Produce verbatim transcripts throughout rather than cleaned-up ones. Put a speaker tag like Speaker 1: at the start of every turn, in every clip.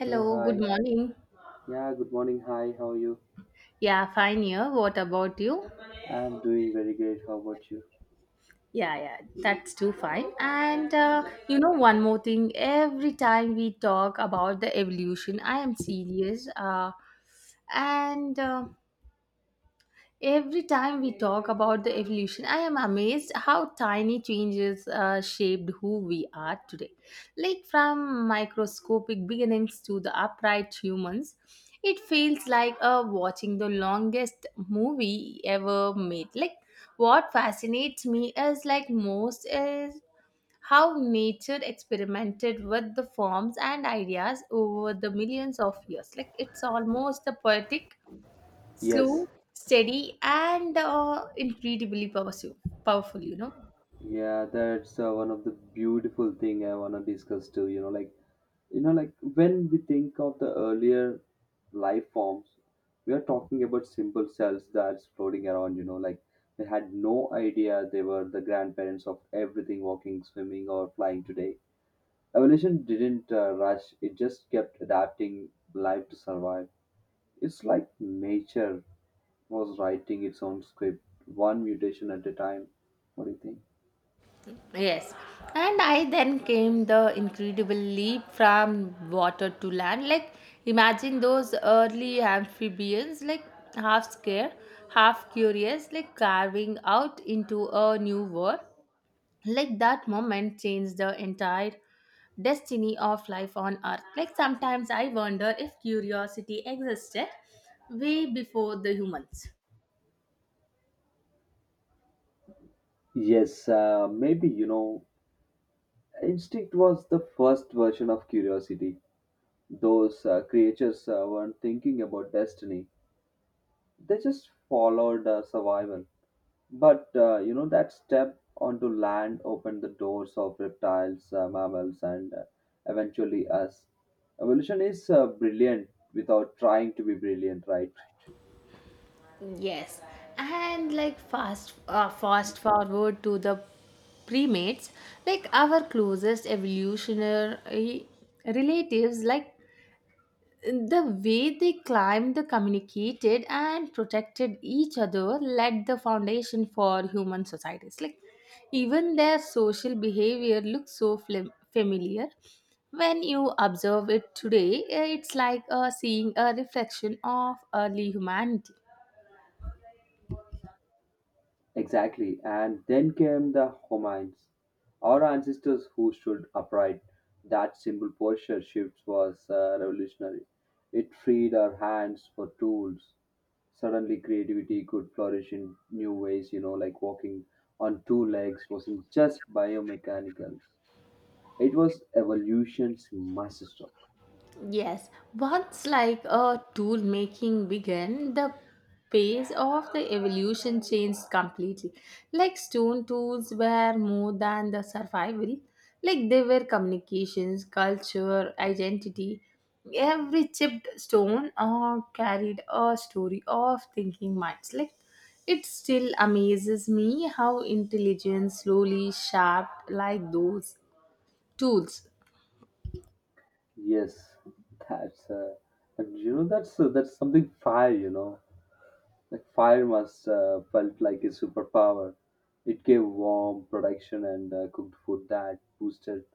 Speaker 1: So
Speaker 2: good
Speaker 1: hi,
Speaker 2: morning.
Speaker 1: yeah, good morning. Hi, how are you?
Speaker 2: Yeah, fine here. What about you?
Speaker 1: I'm doing very great. How about you?
Speaker 2: Yeah, yeah, that's too fine. And uh, you know, one more thing, every time we talk about the evolution, I am serious. Uh, and uh, Every time we talk about the evolution, I am amazed how tiny changes uh, shaped who we are today. Like from microscopic beginnings to the upright humans, it feels like uh, watching the longest movie ever made. Like what fascinates me is like most is how nature experimented with the forms and ideas over the millions of years. Like it's almost a poetic
Speaker 1: Yes,
Speaker 2: slow, steady, and uh, incredibly powerful. Powerful, you know.
Speaker 1: yeah, that's uh, one of the beautiful thing I wanna discuss too. You know, like you know, like when we think of the earlier life forms, we are talking about simple cells that's floating around. You know, like they had no idea they were the grandparents of everything walking, swimming, or flying today. Evolution didn't uh, rush; it just kept adapting life to survive. It's like nature was writing its own script, one mutation at a time. What do you think?
Speaker 2: Yes. And I then came the incredible leap from water to land. Like, imagine those early amphibians, like half scared, half curious, like carving out into a new world. Like, that moment changed the entire destiny of life on earth. Like, sometimes I wonder if curiosity existed way before the humans.
Speaker 1: Yes, uh, Maybe, you know, instinct was the first version of curiosity. Those uh, creatures uh, weren't thinking about destiny, they just followed uh, survival. But, uh, you know, that step onto land opened the doors of reptiles, uh, mammals, and uh, eventually us. Evolution is uh, brilliant without trying to be brilliant, right?
Speaker 2: Yes, and like fast, uh, fast forward to the primates, like our closest evolutionary eh, relatives, like the way they climbed, the communicated, and protected each other, laid the foundation for human societies. Like even their social behavior looks so flim- familiar. When you observe it today, eh, it's like uh, seeing a reflection of early humanity.
Speaker 1: Exactly. And then came the Homines, our ancestors who stood upright. That simple posture shift was uh, revolutionary. It freed our hands for tools. Suddenly, creativity could flourish in new ways, you know, like walking on two legs wasn't just biomechanicals. It was evolution's masterstroke.
Speaker 2: Yes, once like a tool making began, the pace of the evolution changed completely. Like stone tools were more than the survival, like they were communications, culture, identity. Every chipped stone uh, carried a story of thinking minds. Like it still amazes me how intelligence slowly shaped like those tools.
Speaker 1: Yes, that's uh, and you know that's uh, that's something fire, you know. Like fire was uh, felt like a superpower. It gave warmth, protection, and uh, cooked food that boosted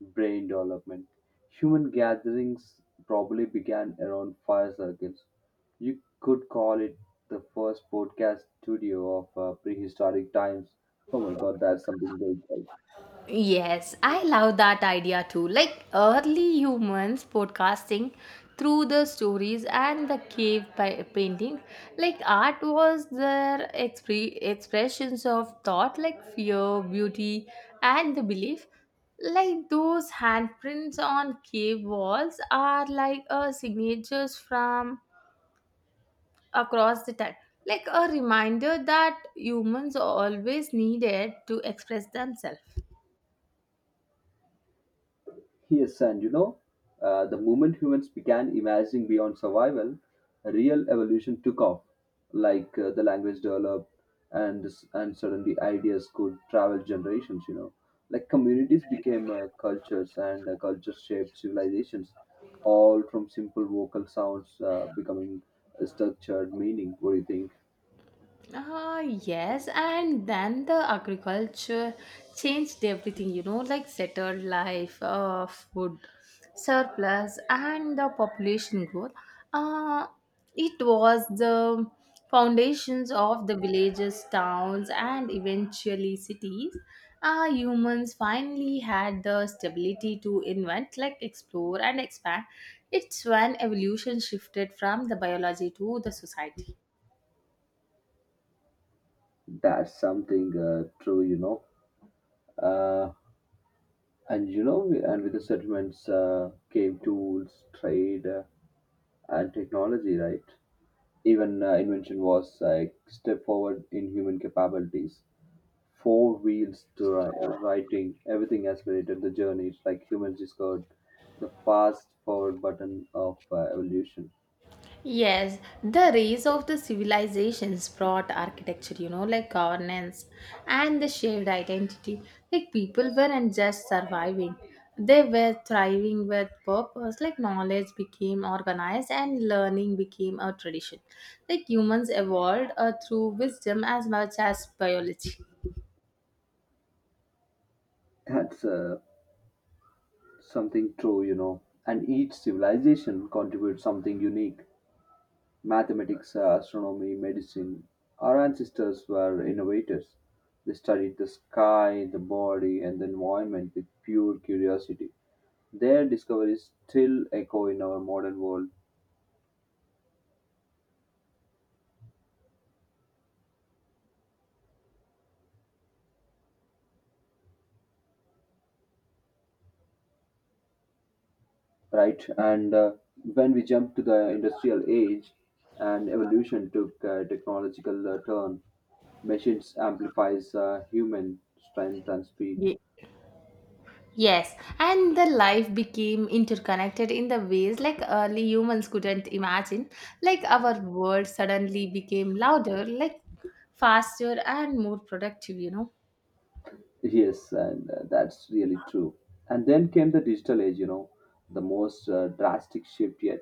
Speaker 1: brain development. Human gatherings probably began around fire circles. You could call it the first podcast studio of uh, prehistoric times. Oh my god, that's something great.
Speaker 2: Yes, I love that idea too. Like early humans podcasting through the stories and the cave pa- painting. Like art was their expre- expressions of thought, like fear, beauty, and the belief. Like those handprints on cave walls are like uh, signatures from across the time. Like a reminder that humans always needed to express themselves.
Speaker 1: Yes, and you know, uh, the moment humans began imagining beyond survival, a real evolution took off. Like uh, the language developed, and s- and suddenly ideas could travel generations. You know, like communities became uh, cultures, and uh, cultures shaped civilizations, all from simple vocal sounds uh, becoming a structured meaning. What do you think?
Speaker 2: Uh, yes, and then the agriculture changed everything, you know, like settled life, uh, food surplus, and the population growth. Uh, it was the foundations of the villages, towns, and eventually cities. Uh, humans finally had the stability to invent, like explore and expand. It's when evolution shifted from the biology to the society.
Speaker 1: That's something uh, true. You know. Uh, and you know, and with the settlements uh, came tools, trade, uh, and technology, right? Even uh, invention was a step forward in human capabilities. Four wheels to ri- Writing, everything accelerated the journey. It's like humans discovered the fast forward button of uh, evolution.
Speaker 2: Yes, the rise of the civilizations brought architecture, you know, like governance and the shared identity. Like people weren't just surviving, they were thriving with purpose. Like knowledge became organized and learning became a tradition. Like humans evolved uh, through wisdom as much as biology.
Speaker 1: That's uh, something true, you know. And each civilization contributes something unique. Mathematics, uh, astronomy, medicine. Our ancestors were innovators. They studied the sky, the body, and the environment with pure curiosity. Their discoveries still echo in our modern world, right? And uh, when we jump to the industrial age and evolution took a technological uh, turn, machines amplifies uh, human strength and speed.
Speaker 2: Yes, and the life became interconnected in the ways like early humans couldn't imagine. Like our world suddenly became louder, like faster and more productive, you know.
Speaker 1: Yes, and uh, That's really true. And then came the digital age, you know, the most uh, drastic shift yet.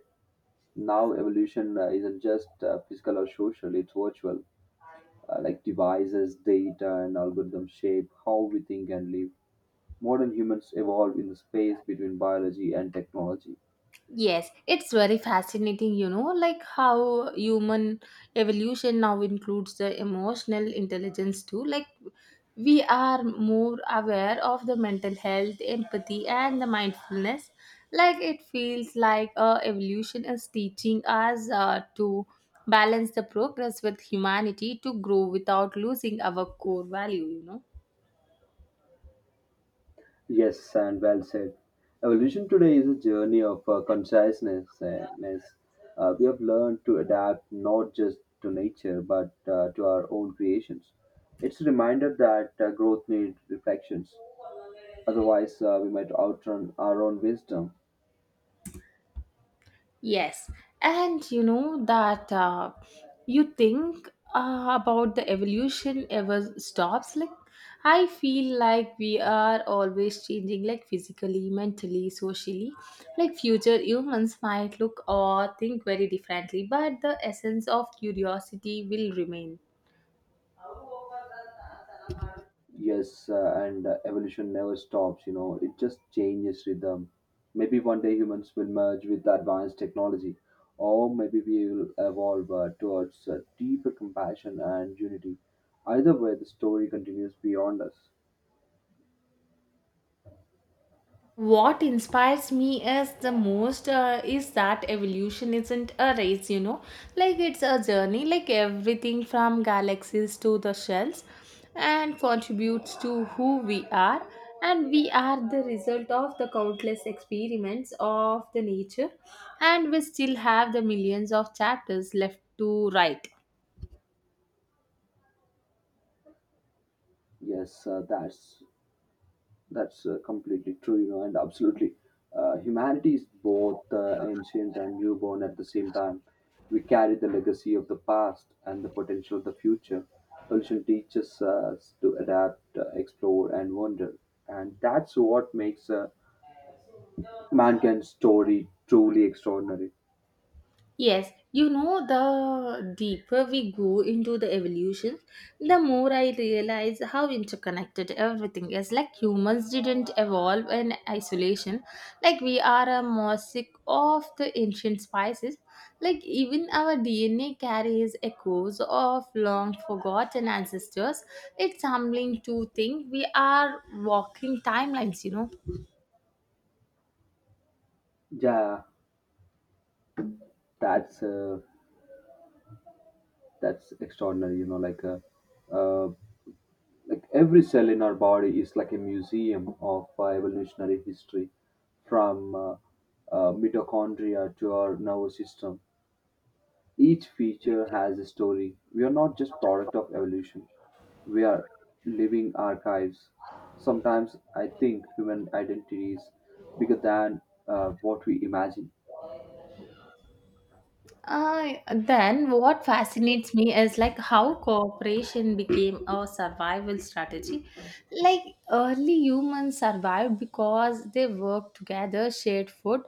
Speaker 1: Now evolution uh, isn't just uh, physical or social, it's virtual. uh, like devices, data, and algorithms shape how we think and live. Modern humans evolve in the space between biology and technology.
Speaker 2: Yes, it's very fascinating, you know, like how human evolution now includes the emotional intelligence too. Like, we are more aware of the mental health, empathy, and the mindfulness. Like, it feels like uh, evolution is teaching us uh, to balance the progress with humanity to grow without losing our core value, you know.
Speaker 1: Yes, and well said. Evolution today is a journey of uh, consciousness. Uh, ness. Uh, we have learned to adapt not just to nature but uh, to our own creations. It's a reminder that uh, growth needs reflections. Otherwise, uh, we might outrun our own wisdom.
Speaker 2: Yes, and you know that uh, you think uh, about the evolution ever stops. Like, I feel like we are always changing, like physically, mentally, socially. Like, future humans might look or think very differently, but the essence of curiosity will remain.
Speaker 1: Yes, uh, and uh, Evolution never stops, you know, it just changes rhythm. Maybe one day humans will merge with advanced technology, or maybe we will evolve uh, towards uh, deeper compassion and unity. Either way, the story continues beyond us.
Speaker 2: What inspires me as the most uh, is that evolution isn't a race, you know, like it's a journey, like everything from galaxies to the shells and contributes to who we are, and we are the result of the countless experiments of the nature, and we still have the millions of chapters left to write.
Speaker 1: Yes, uh, that's That's uh, Completely true, you know, and absolutely. Uh, humanity is both uh, ancient and newborn at the same time. We carry the legacy of the past and the potential of the future. Evolution teaches us to adapt, uh, explore, and wonder. And that's what makes uh, mankind's story truly extraordinary.
Speaker 2: Yes, you know, the deeper we go into the evolution, the more I realize how interconnected everything is. Like humans didn't evolve in isolation, like we are a mosaic of the ancient spices. Like even our D N A carries echoes of long forgotten ancestors. It's humbling to think we are walking timelines, you know.
Speaker 1: Yeah, that's uh, that's extraordinary, you know, like uh, uh, like every cell in our body is like a museum of uh, evolutionary history, from uh, uh, mitochondria to our nervous system. Each feature has a story. We are not just product of evolution. We are living archives. Sometimes I think human identity is bigger than uh, what we imagine.
Speaker 2: Uh, then what fascinates me is like how cooperation became a survival strategy. Like early humans survived because they worked together, shared food,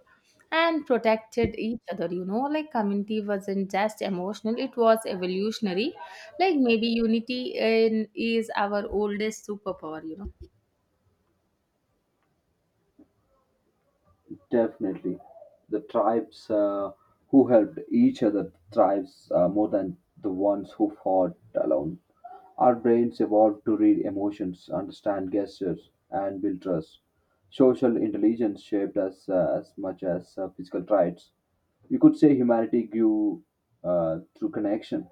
Speaker 2: and protected each other. You know, like community wasn't just emotional; it was evolutionary. Like maybe unity in is our oldest superpower. You know.
Speaker 1: Definitely, the tribes uh, who helped each other thrives uh, more than the ones who fought alone. Our brains evolved to read emotions, understand gestures, and build trust. Social intelligence shaped us uh, as much as uh, physical traits. You could say humanity grew uh, through connection.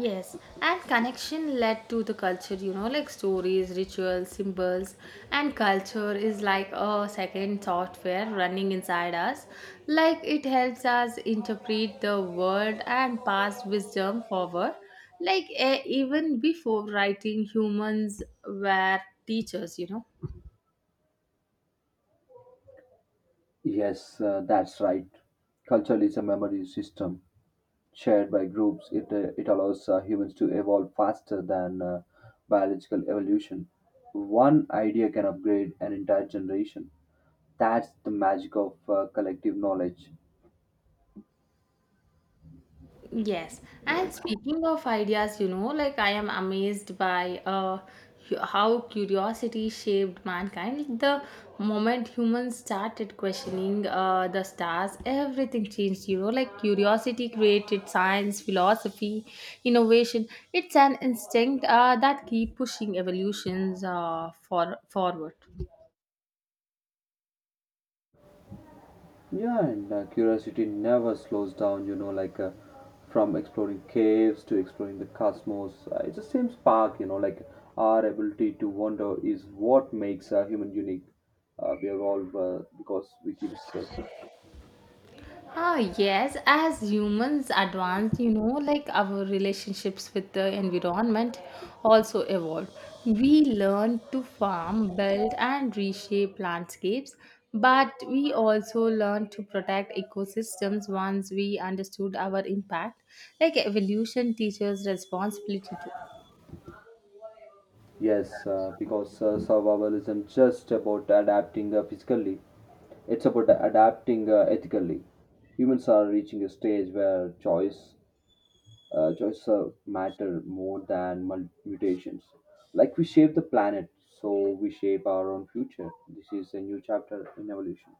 Speaker 2: Yes, and connection led to the culture, you know, like stories, rituals, symbols, and culture is like a second software running inside us. Like it helps us interpret the world and pass wisdom forward. Like eh, even before writing, humans were teachers, you know.
Speaker 1: Yes, uh, that's right. Culture is a memory system shared by groups, it, uh, it allows uh, humans to evolve faster than uh, biological evolution. One idea can upgrade an entire generation. That's the magic of uh, collective knowledge.
Speaker 2: Yes, and speaking of ideas, you know, like I am amazed by uh, hu- how curiosity shaped mankind. Like, the moment humans started questioning uh, the stars, everything changed, you know, like curiosity created science, philosophy, innovation. It's an instinct uh, that keep pushing evolutions uh, for forward.
Speaker 1: Yeah, and uh, Curiosity never slows down, you know, like uh, from exploring caves to exploring the cosmos. Uh, it's the same spark, you know, like our ability to wonder is what makes a human unique. Uh, we evolve uh, because we keep searching.
Speaker 2: Ah, yes, as humans advance, you know, like our relationships with the environment also evolve. We learn to farm, build, and reshape landscapes, but we also learn to protect ecosystems once we understood our impact. Like evolution teaches responsibility too.
Speaker 1: Yes, uh, because uh, Survival isn't just about adapting uh, physically, it's about adapting uh, ethically. Humans are reaching a stage where choice, uh, choice uh, matter more than mul- mutations. Like we shape the planet, so we shape our own future. This is a new chapter in evolution.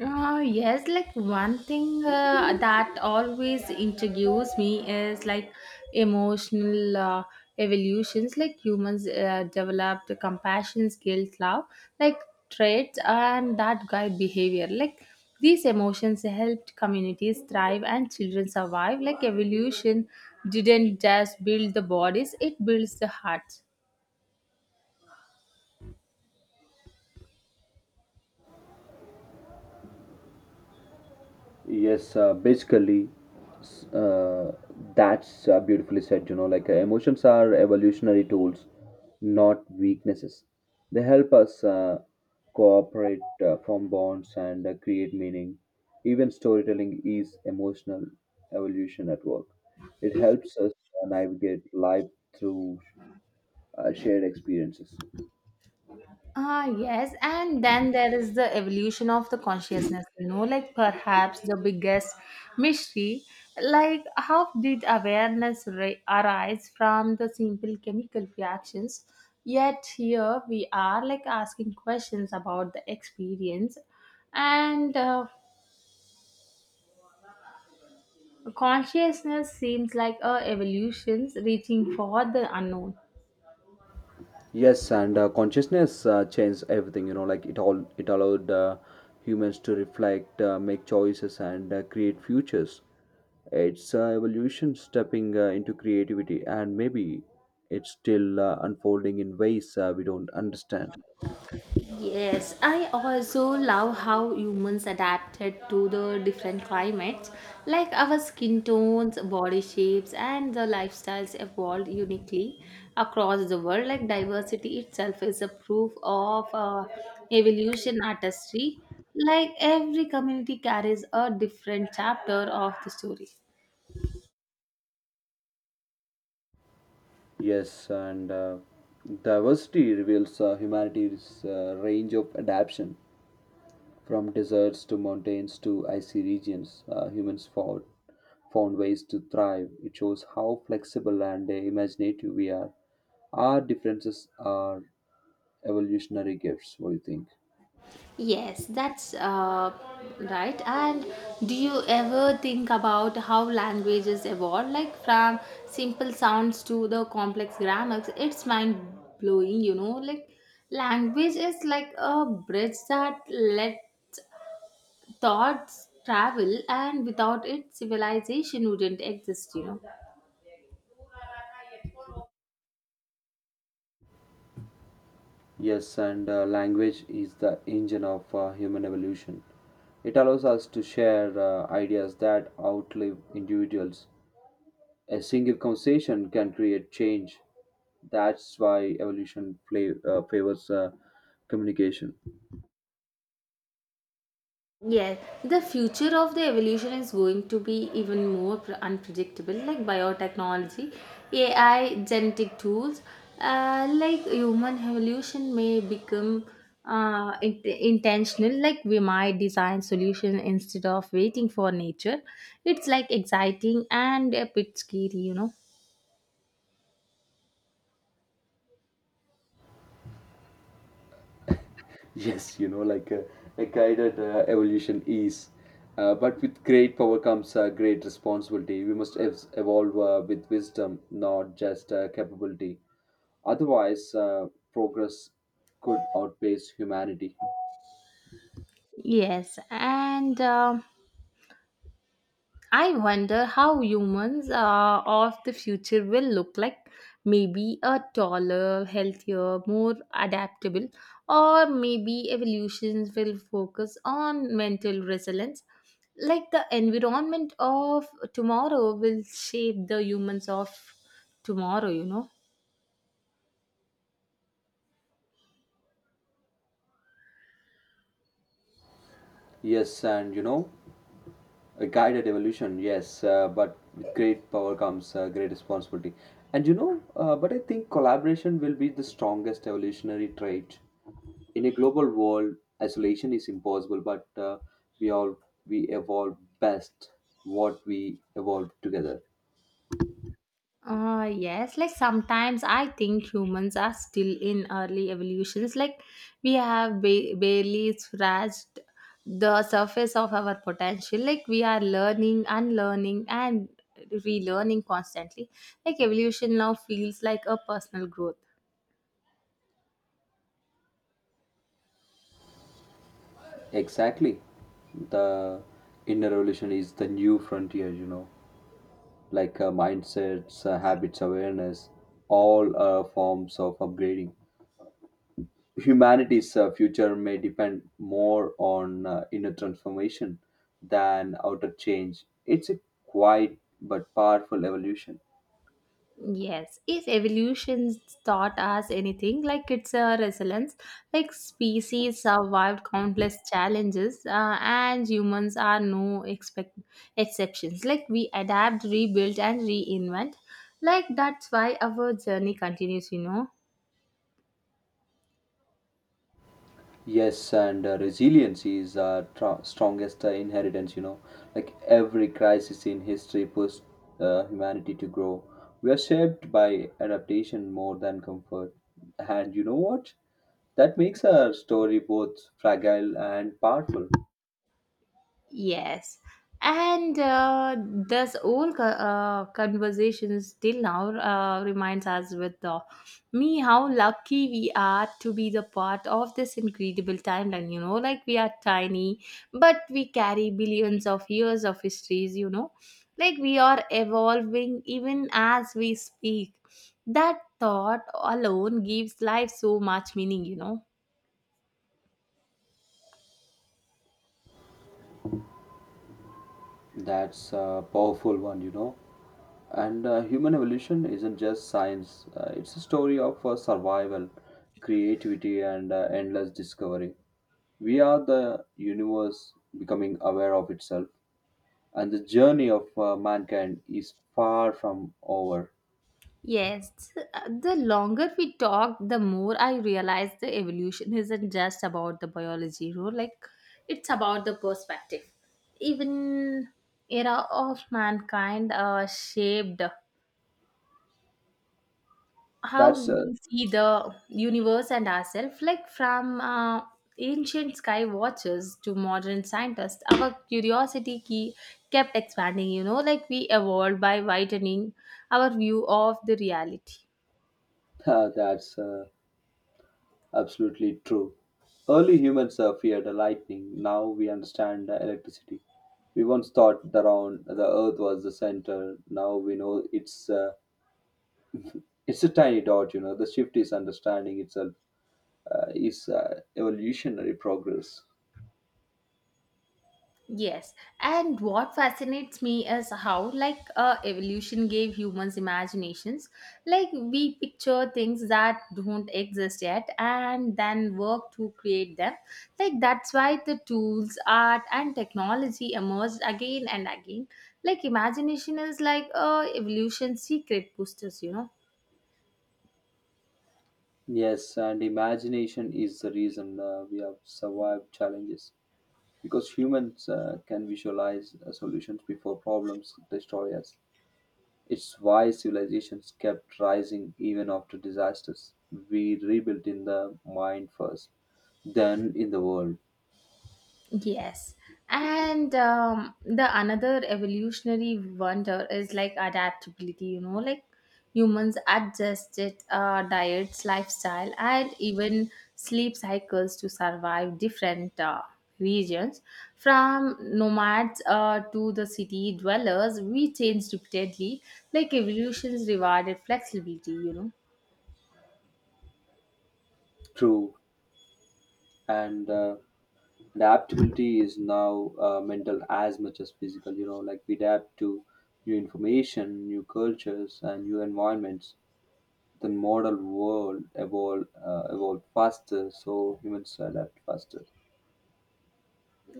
Speaker 2: Uh, yes, like one thing uh, that always intrigues me is like emotional uh, evolutions. Like humans uh, developed compassion, guilt, love, like traits, and that guide behavior. Like these emotions helped communities thrive and children survive. Like evolution didn't just build the bodies; it builds the hearts.
Speaker 1: Yes, uh, basically, s- uh, that's uh, Beautifully said. You know, like uh, emotions are evolutionary tools, not weaknesses. They help us uh, cooperate, uh, form bonds, and uh, create meaning. Even storytelling is emotional evolution at work. It helps us uh, navigate life through uh, shared experiences.
Speaker 2: Ah, yes. And then there is the evolution of the consciousness, you know, like perhaps the biggest mystery. Like, how did awareness ri- arise from the simple chemical reactions? Yet, here we are, like, asking questions about the experience. And uh, consciousness seems like a evolution reaching for the unknown.
Speaker 1: Yes, and uh, Consciousness uh, changed everything. You know, like it all it allowed uh, humans to reflect, uh, make choices, and uh, create futures. It's uh, evolution stepping uh, into creativity, and maybe it's still uh, unfolding in ways uh, we don't understand.
Speaker 2: Yes, I also love how humans adapted to the different climates. Like our skin tones, body shapes, and the lifestyles evolved uniquely across the world. Like diversity itself is a proof of uh, evolution artistry. Like every community carries a different chapter of the story.
Speaker 1: Yes, and uh, Diversity reveals uh, humanity's uh, range of adaptation. From deserts to mountains to icy regions, uh, humans fought, found ways to thrive. It shows how flexible and uh, imaginative we are. Our differences are evolutionary gifts. What do you think?
Speaker 2: Yes, that's uh, right. And do you ever think about how languages evolve, like from simple sounds to the complex grammars? It's mind blowing, you know. Like language is like a bridge that lets thoughts travel, and without it, civilization wouldn't exist, you know.
Speaker 1: Yes, and uh, Language is the engine of uh, human evolution. It allows us to share uh, ideas that outlive individuals. A single conversation can create change. That's why evolution play, uh, favors uh, communication.
Speaker 2: Yes, the future of the evolution is going to be even more pr- unpredictable, like biotechnology, A I, genetic tools. Uh, like human evolution may become uh, int- intentional, like we might design solution instead of waiting for nature. It's like exciting and a bit scary, you know.
Speaker 1: Yes, you know, like uh, a guided uh, evolution is. Uh, but with great power comes uh, great responsibility. We must ev- evolve uh, with wisdom, not just uh, capability. Otherwise, uh, progress could outpace humanity.
Speaker 2: Yes, and. um I wonder how humans uh, of the future will look like. Maybe a taller, healthier, more adaptable, or maybe evolutions will focus on mental resilience. Like the environment of tomorrow will shape the humans of tomorrow, you know.
Speaker 1: Yes, and you know, A guided evolution, yes, uh, but with great power comes uh, great responsibility. And you know, uh, but I think collaboration will be the strongest evolutionary trait. In a global world, isolation is impossible, but uh, we all we evolve best what we evolve together.
Speaker 2: Uh, yes, like sometimes I think humans are still in early evolutions. Like we have ba- barely scratched the surface of our potential. Like we are learning, unlearning, and relearning constantly. Like evolution now feels like a personal growth.
Speaker 1: Exactly, the inner evolution is the new frontier. You know, like uh, mindsets, uh, habits, awareness, all uh, forms of upgrading. Humanity's uh, future may depend more on uh, inner transformation than outer change. It's a quiet but powerful evolution.
Speaker 2: Yes, if evolution taught us anything, like it's a resilience, like species survived countless challenges, uh, and humans are no expect- exceptions. Like we adapt, rebuild, and reinvent. Like that's why our journey continues, you know.
Speaker 1: Yes, and uh, Resilience is our tr- strongest uh, inheritance, you know. Like every crisis in history pushed uh, humanity to grow. We are shaped by adaptation more than comfort. And you know what? That makes our story both fragile and powerful.
Speaker 2: Yes. And uh, this whole co- uh, conversation still now uh, reminds us with uh, me how lucky we are to be the part of this incredible timeline. You know, like we are tiny, but we carry billions of years of histories, you know, like we are evolving even as we speak. That thought alone gives life so much meaning, you know.
Speaker 1: That's a powerful one, you know. And uh, Human evolution isn't just science, uh, it's a story of uh, survival, creativity, and uh, endless discovery. We are the universe becoming aware of itself, and the journey of uh, mankind is far from over.
Speaker 2: Yes, uh, the longer we talk, the more I realize the evolution isn't just about the biology, you know, like it's about the perspective. Even era of mankind uh, shaped how
Speaker 1: That's, uh,
Speaker 2: we see the universe and ourselves. Like from uh, ancient sky watchers to modern scientists, our curiosity key kept expanding. You know, like we evolved by widening our view of the reality.
Speaker 1: that's uh, Absolutely true. Early humans uh, feared lightning, now we understand uh, electricity. We once thought that around the earth was the center, now we know it's. Uh, it's a tiny dot, you know. The shift is understanding itself uh, is uh, evolutionary progress.
Speaker 2: Yes, and what fascinates me is how, like, uh, evolution gave humans imaginations. Like, we picture things that don't exist yet and then work to create them. Like, that's why the tools, art, and technology emerged again and again. Like, imagination is like uh, evolution's secret boosters, you know.
Speaker 1: Yes, and imagination is the reason uh, we have survived challenges because humans uh, can visualize uh, solutions before problems destroy us. It's why civilizations kept rising even after disasters. We rebuilt in the mind first, then in the world.
Speaker 2: Yes. And um, the another evolutionary wonder is like adaptability, you know, like humans adjusted uh, diets, lifestyle, and even sleep cycles to survive different uh, regions. From nomads uh, to the city dwellers, we changed repeatedly, like evolution's rewarded flexibility, you know.
Speaker 1: True, and uh, adaptability is now uh, mental as much as physical, you know like we adapt to new information, new cultures, and new environments. The model world evolve uh, evolved faster, so humans adapt faster.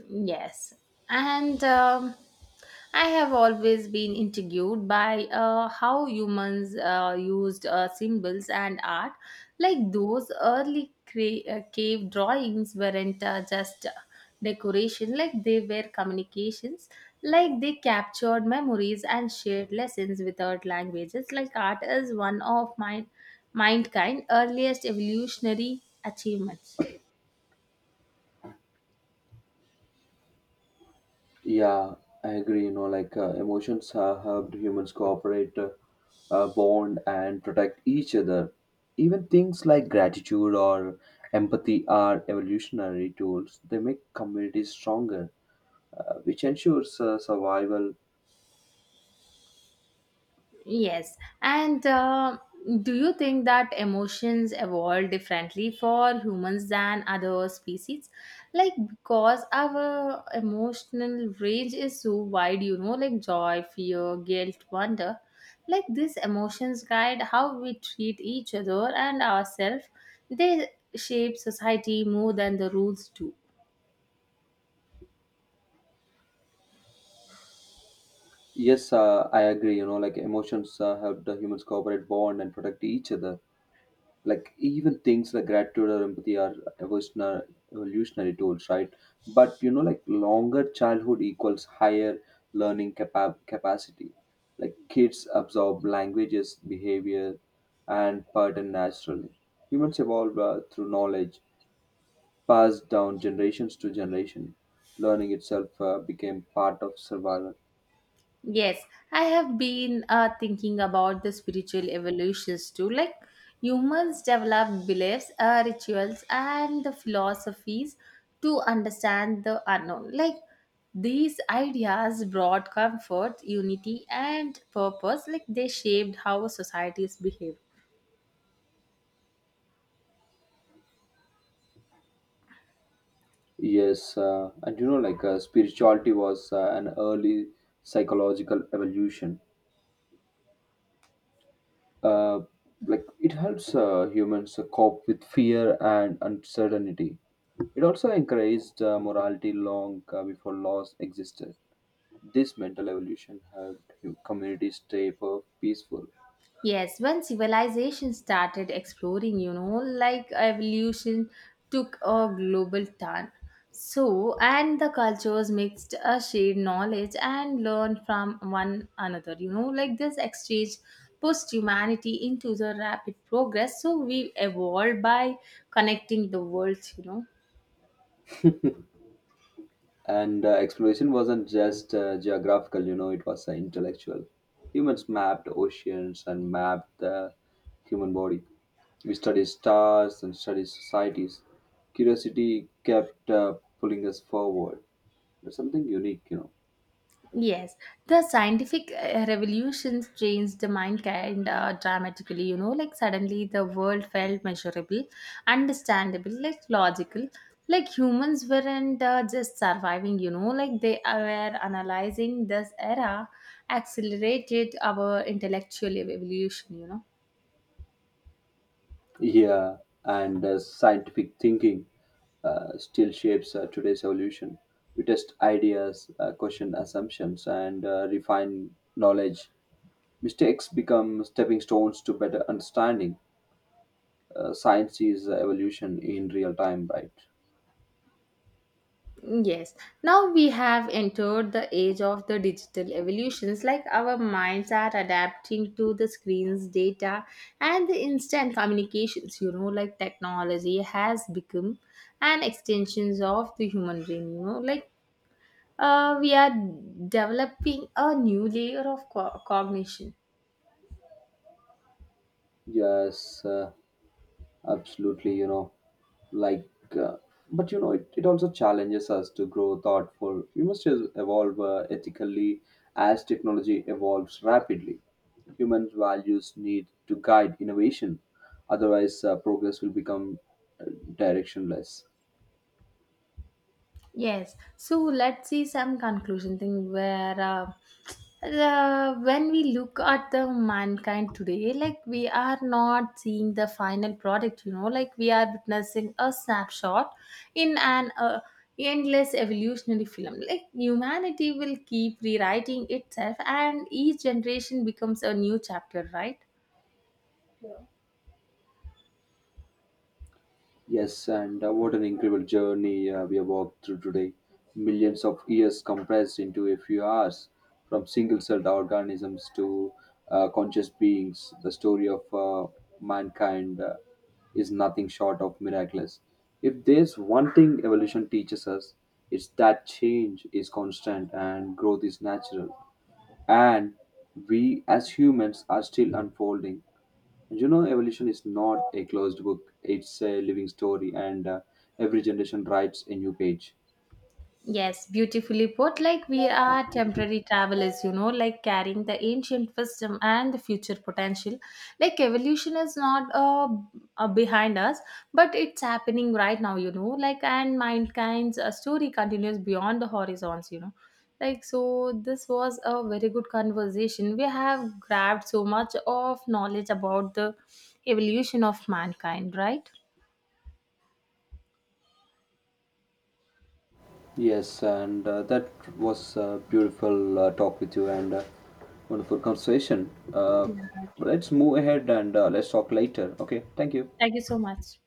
Speaker 2: Yes. And um, I have always been intrigued by uh, how humans uh, used uh, symbols and art. Like those early cra- uh, cave drawings weren't uh, just uh, decoration, like they were communications. Like they captured memories and shared lessons without languages. Like art is one of my mind kind earliest evolutionary achievements.
Speaker 1: yeah i agree, you know like uh, emotions have helped humans cooperate, uh, uh, bond, and protect each other. Even things like gratitude or empathy are evolutionary tools. They make communities stronger, uh, which ensures uh, survival.
Speaker 2: Yes. And uh, do you think that emotions evolve differently for humans than other species? Like, because our emotional range is so wide, you know, like joy, fear, guilt, wonder. Like, these emotions guide how we treat each other and ourselves. They shape society more than the rules do.
Speaker 1: Yes, uh, I agree. You know, like emotions uh, help the humans cooperate, bond, and protect each other. Like even things like gratitude or empathy are evolutionary, evolutionary tools, right? But you know, like longer childhood equals higher learning capa- capacity. Like kids absorb languages, behavior, and pattern naturally. Humans evolve uh, through knowledge passed down generations to generation. Learning itself uh, became part of survival.
Speaker 2: Yes, I have been uh, thinking about the spiritual evolutions too. Like humans develop beliefs, uh, rituals, and the philosophies to understand the unknown. Like these ideas brought comfort, unity, and purpose. Like they shaped how societies behave.
Speaker 1: Yes, uh, and you know, like uh, Spirituality was uh, an early psychological evolution. Uh, like it helps uh, humans uh, cope with fear and uncertainty. It also encouraged uh, morality long uh, before laws existed. This mental evolution helped hum- communities stay per- peaceful.
Speaker 2: Yes, when civilization started exploring, you know, like evolution took a global turn. So, and the cultures mixed a shared knowledge and learned from one another. You know, like this exchange pushed humanity into the rapid progress. So, we evolved by connecting the worlds, you know.
Speaker 1: And uh, Exploration wasn't just uh, geographical, you know, it was uh, intellectual. Humans mapped oceans and mapped the human body. We studied stars and studied societies. Curiosity kept uh, pulling us forward. There's something unique, you know.
Speaker 2: Yes, the scientific uh, revolutions changed the mind kind uh, dramatically, you know, like suddenly the world felt measurable, understandable, like logical. Like humans weren't uh, just surviving, you know, like they uh, were analyzing this era, accelerated our intellectual evolution, you know.
Speaker 1: Yeah, and uh, Scientific thinking uh, still shapes uh, today's evolution. We test ideas, uh, question assumptions, and uh, refine knowledge. Mistakes become stepping stones to better understanding. Uh, science sees uh, evolution in real time, right?
Speaker 2: Yes, now we have entered the age of the digital evolutions, like our minds are adapting to the screens, data, and the instant communications. You know, like technology has become an extensions of the human brain. You know, like uh, we are developing a new layer of co- cognition.
Speaker 1: Yes, uh, Absolutely. You know, like, uh, but you know, it, it also challenges us to grow thoughtful. We must just evolve uh, ethically as technology evolves rapidly. Human values need to guide innovation, otherwise, uh, progress will become uh, directionless.
Speaker 2: Yes, so let's see some conclusion thing where uh, uh, when we look at the mankind today, like we are not seeing the final product, you know, like we are witnessing a snapshot in an uh, endless evolutionary film. Like humanity will keep rewriting itself, and each generation becomes a new chapter, right?
Speaker 1: Yes, and uh, What an incredible journey uh, we have walked through today. Millions of years compressed into a few hours, from single celled organisms to uh, conscious beings. The story of uh, mankind uh, is nothing short of miraculous. If there's one thing evolution teaches us, it's that change is constant and growth is natural. And we as humans are still unfolding. You know, evolution is not a closed book, it's a living story, and uh, every generation writes a new page.
Speaker 2: Yes, beautifully put. Like we are temporary travelers, you know, like carrying the ancient wisdom and the future potential. Like evolution is not uh, uh behind us, but it's happening right now, you know. Like and mankind's uh, story continues beyond the horizons, you know. Like so, this was a very good conversation. We have grabbed so much of knowledge about the evolution of mankind, right?
Speaker 1: Yes and uh, that was a beautiful uh, talk with you, and uh, wonderful conversation. Uh, let's move ahead, and uh, let's talk later. Okay, thank you.
Speaker 2: Thank you so much.